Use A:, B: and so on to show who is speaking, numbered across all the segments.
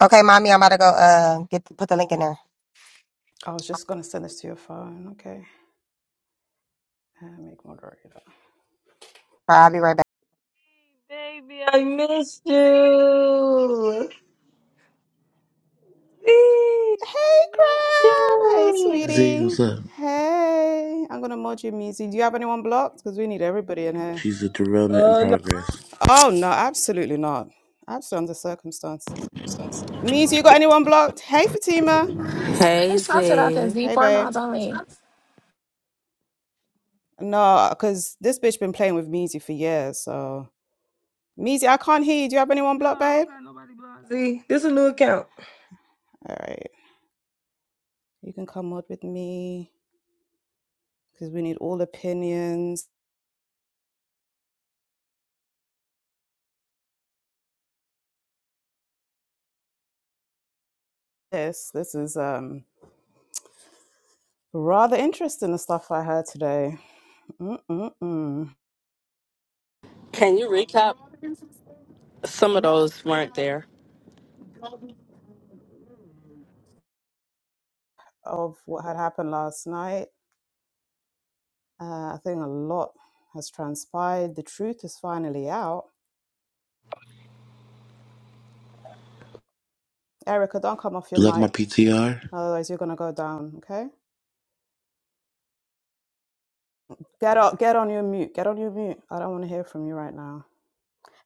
A: Okay, mommy, I'm about to go uh get put the link in there.
B: I was just gonna send this to your phone. Okay. Uh, make moderator.
A: All right, I'll be right back.
C: Baby, I missed you. See, I
B: Hey,
C: missed
B: Crown. Hey,
C: you.
D: Z,
B: sweetie.
D: what's up?
B: Hey. I'm gonna mod you, Meezy. Do you have anyone blocked? Because we need everybody in here.
D: She's a derailment in
C: Uh, no.
D: progress.
B: Oh no, absolutely not. Absolutely under circumstance. Meezy, you got anyone blocked? Hey, Fatima.
E: Who
F: Hey
E: house it out there?
F: Z,
E: Z
B: Hey,
E: four
B: babe.
E: miles only.
B: No, because this bitch been playing with Meezy for years. So Meezy, I can't hear you. Do you have anyone
C: No,
B: blocked,
C: I don't
B: babe?
C: got nobody blocked. See, this is a new account.
B: All right. You can come mod with me because we need all opinions. This, this is um Rather interesting the stuff I heard today Mm-mm-mm.
F: can you recap? Some of those weren't there.
B: of what had happened last night. Uh, I think a lot has transpired. The truth is finally out. Erica, don't come off your
D: You like my
B: mic,
D: PTR?
B: otherwise you're gonna go down. Okay? Get up. Get on your mute. Get on your mute. I don't want to hear from you right now.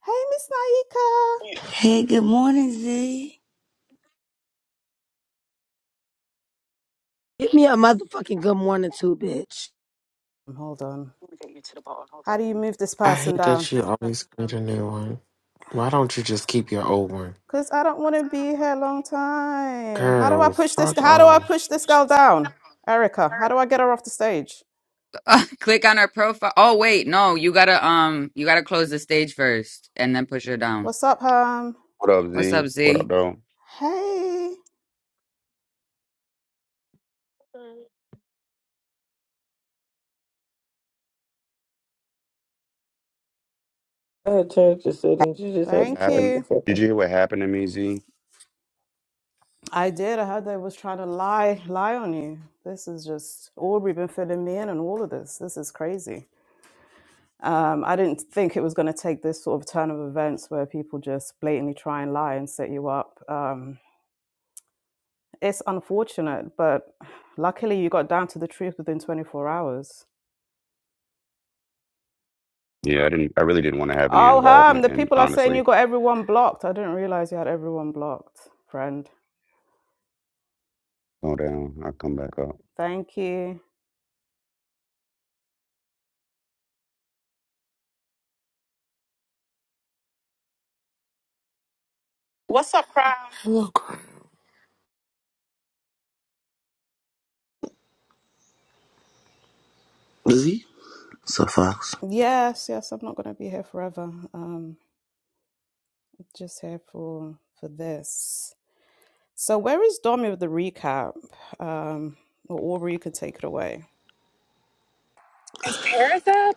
B: Hey, Miss Naika.
G: Hey, good morning, Z.
H: Give me a motherfucking good morning too, bitch.
B: Um, Hold on.
I: Let me get you to the ball. Hold on.
B: How do you move this
I: I
B: person
I: hate
B: down?
I: that you always get a new one. Why don't you just keep your old one?
B: Because I don't want to be here a long time. How do I
I: Girl,
B: push this?
I: fuck
B: How do I
I: off.
B: push this girl down? Erica, how do I get her off the stage?
J: Uh, click on her profile. Oh wait, no, you gotta um, you gotta close the stage first and then push her down.
B: What's up, um?
K: What up,
J: What's
K: Z?
J: up,
K: What up,
J: Z?
K: though?
B: Hey,
C: I had changed the settings. You just had to
B: thank
C: change
K: Happened?
C: the
B: you.
K: Did
C: settings.
K: you hear what happened to me, Z?
B: I did. I heard they was trying to lie, lie on you. This is just Aubrey been filling me in on all of this. This is crazy. Um, I didn't think it was going to take this sort of turn of events where people just blatantly try and lie and set you up. Um, It's unfortunate, but luckily you got down to the truth within 24 hours.
K: Yeah, I didn't. I really didn't want to have any
B: Oh, Ham,
K: involvement.
B: the
K: And
B: people are saying
K: honestly,
B: you got everyone blocked. I didn't realize you had everyone blocked, friend.
K: go down. I'll come back up.
B: Thank you.
I: What's up, crowd? Hello, girl.
D: Z? So Fox.
B: Yes, yes, I'm not going to be here forever. Um, just here for for this. So, where is Domi with the recap? Um, or Aubrey, you can take it away.
E: Is Paris up?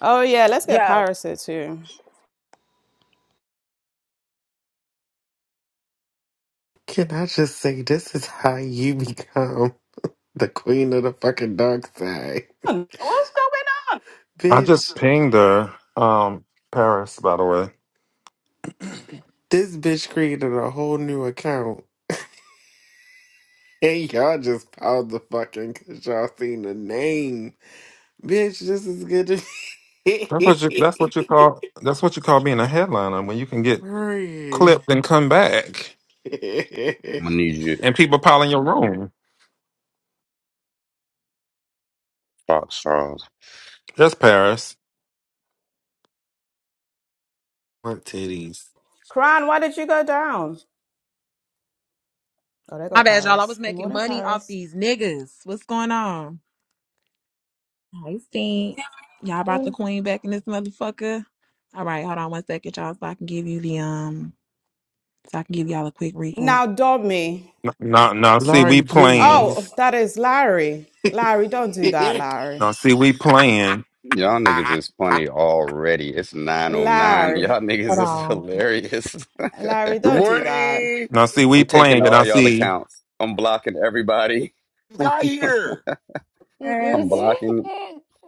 B: Oh yeah, let's get
E: Yo,
B: Paris here too.
I: Can I just say this is how you become the queen of the fucking dark side? What's going on?
L: I just
I: Bitch,
L: pinged her, um, Paris, by the way.
I: this bitch created a whole new account. And y'all just piled the fucking cause y'all seen the name. Bitch, this is good
L: That's what you
I: to
L: that's what you call that's what you call being a headliner when you can get
I: Hurry.
L: clipped and come back
K: I'm gonna need you,
L: and people piling your room.
K: Fox Charles.
L: Just Paris.
I: Work titties.
B: Cran, why did you go down? Oh, there go
M: My bad, y'all. I was
B: Paris. Good
M: making
B: morning,
M: money off
B: Paris.
M: these niggas. What's going on? Hey, Stink. Y'all brought the queen back in this motherfucker. All right, hold on one second, y'all, so I can give you the um, so I can give y'all a quick recap.
B: Now, Domi.
L: Now now see we
I: Laurie,
L: playing.
B: Oh,
I: please.
B: that is Larry.
I: it's
B: Larry, don't do that, Larry.
L: Now see we playing.
K: Y'all niggas is funny already. It's 909.
B: Larry,
K: Y'all
M: Hold
K: niggas is
M: on.
K: hilarious.
B: Larry,
N: Good
B: don't do that.
N: morning.
L: Now see we
K: I'm taking
L: playing and I
K: all y'all
L: see
K: accounts. I'm blocking everybody. I'm,
N: Guy here.
K: I'm
E: Paris.
K: blocking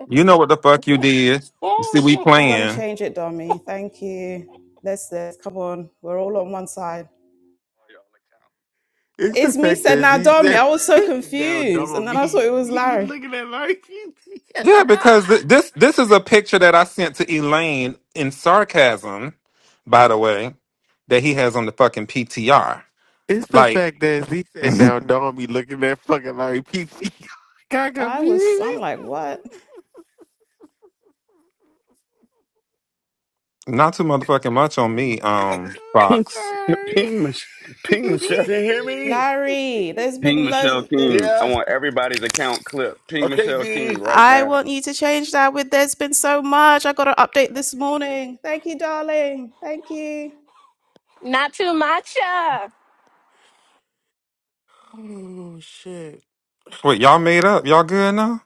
L: you know what the fuck you did. You see we
B: He's gonna
L: playing.
B: change it, Dommy. Thank you. Let's this. Come on, we're all on one side.
I: the
B: It's me
I: fact
B: said
I: that
B: now,
I: he
B: Dommy.
I: said,
B: I was so
I: no,
B: confused, and
I: don't
B: then I saw
I: me.
B: it was
I: He
B: Larry.
I: looking at Laurie.
L: Yeah, because th- this this is a picture that I sent to Elaine in sarcasm, by the way, that he has on the fucking PTR.
I: it's the
L: Like
I: fact that he said, now, don't me looking at fucking Larry PC. Got
B: I was. I'm
I: confused.
B: like, what?
L: Not too motherfucking much on me,
I: I'm
L: um,
K: Ping,
L: Fox.
K: Ping, Mich-
I: sorry.
K: Ping Michelle,
N: Can you hear me?
B: Larry, there's
K: Ping
B: been
K: Michelle
B: loads. That
K: King. I
N: Yeah.
K: want everybody's account clip. Ping
N: Okay,
K: Michelle King
N: Z.
K: right
B: I
K: now.
B: want you to change that. With there's been so much. I got an update this morning. Thank you, darling. Thank you.
E: Not too much. uh.
I: oh shit.
L: Wait, y'all made up? Y'all good now?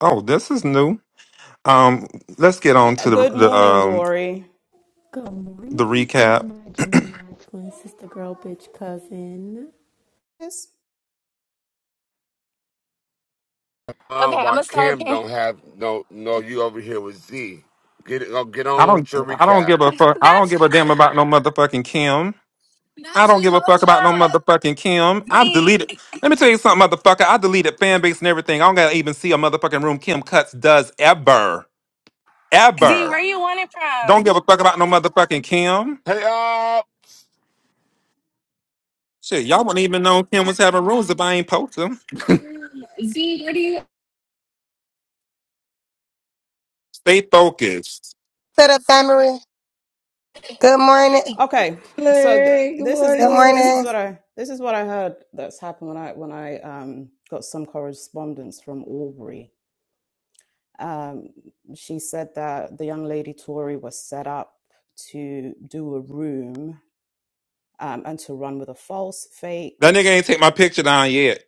L: Oh, this is new. Um, let's get on
B: Uh,
L: to the
B: Good
L: the
B: morning,
L: um
B: Dory.
O: Good
L: the
O: morning, Z,
L: recap.
O: my Gemini twin sister, girl, bitch, cousin.
B: Yes.
E: Okay,
N: Uh,
E: I'm
N: why
E: gonna start
N: Cam
E: paying.
N: don't have no no you over here with Z. Get it oh, get
L: I
N: on
L: don't
N: with your
L: I don't
N: recap.
L: give a fuck. I
E: Not
L: don't give a damn about no motherfucking Kim.
E: not
L: I don't
E: too
L: give a fuck
E: much.
L: about no
E: uh.
L: motherfucking Kim. I
E: Z
L: deleted. Let me tell you something, motherfucker. I deleted fan base and everything. I don't gotta even see a motherfucking room Kim Cuts does ever,
E: Z, where
L: ever.
E: you want it
L: Don't
E: from?
L: give a fuck about no motherfucking Kim.
N: Hey uh
L: Shit, y'all wouldn't even know Kim was having rooms if I ain't post 'em.
E: Z, where do you?
L: Stay focused.
A: Set up summary. Good morning.
B: Okay, so th-
C: Larry, good
B: this is
A: Good
B: this is this
C: morning.
B: is
A: morning.
B: what I this is what I heard that's happened when I when I um, got some correspondence from Aubrey. Um, she said that the young lady Tory was set up to do a room um, and to run with a false fake.
L: That nigga ain't take my picture down yet.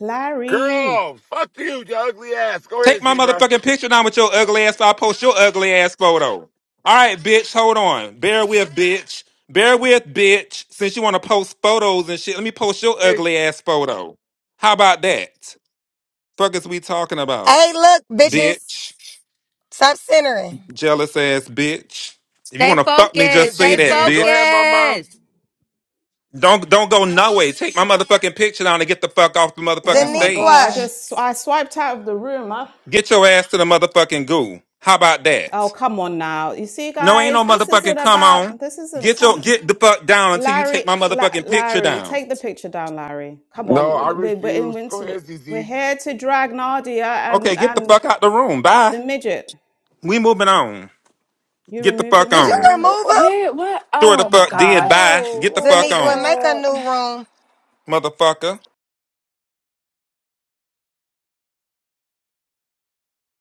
B: Larry,
N: girl, fuck you, your ugly ass. Go ahead,
L: Take my
N: Zebra.
L: motherfucking picture down with your ugly ass. So I post your ugly ass photo. All right, bitch. Hold on. Bear with, bitch. Bear with, bitch. Since you want to post photos and shit, let me post your
N: Hey,
L: ugly ass photo. How about that? Fuck is we talking about,
A: Hey, look, bitches.
L: bitch?
A: Stop centering.
L: Jealous ass bitch. If you
J: Stay
L: want to fuck me,
N: go ahead,
J: focused.
L: just say
N: Z.
J: Stay
L: that,
N: Z. Go ahead,
L: bitch.
N: mama.
J: focused.
L: Don't don't go no way. Take my motherfucking picture down and get the fuck off the
B: Oh
L: motherfucking
B: my god! I
L: stage.
A: Zaniqua.
B: just I swiped out of the room. Huh?
L: Get your ass to the motherfucking goo. How about
B: Oh
L: that?
B: come on now! You see,
L: No, ain't no
B: guys, this
L: motherfucking
B: isn't
L: come on.
B: about. This isn't
L: Get your
B: come.
L: get the fuck down until you
B: Larry,
L: take my
B: La,
L: motherfucking picture
B: Larry,
L: down.
B: take the picture down, Larry. Come
N: No,
B: on,
N: I
B: we're, we're in
N: refuse. Go
B: winter.
N: ahead, Z
B: We're
N: Z.
B: here to drag Nadia and
L: Okay, get the
B: and
L: fuck out the room. Bye.
B: the midget.
L: We moving on.
B: You
L: Get the
B: removed him
L: fuck
B: out
A: Did
B: of the
A: you
L: on.
B: room?
A: remove him?
E: Where what?
L: Sure the
E: Oh my
L: fuck did.
E: gosh.
L: Bye. Get
C: Oh,
L: the fuck
C: oh,
A: Zaniqua,
L: on,
A: make a
C: Lord.
A: new room.
L: motherfucker.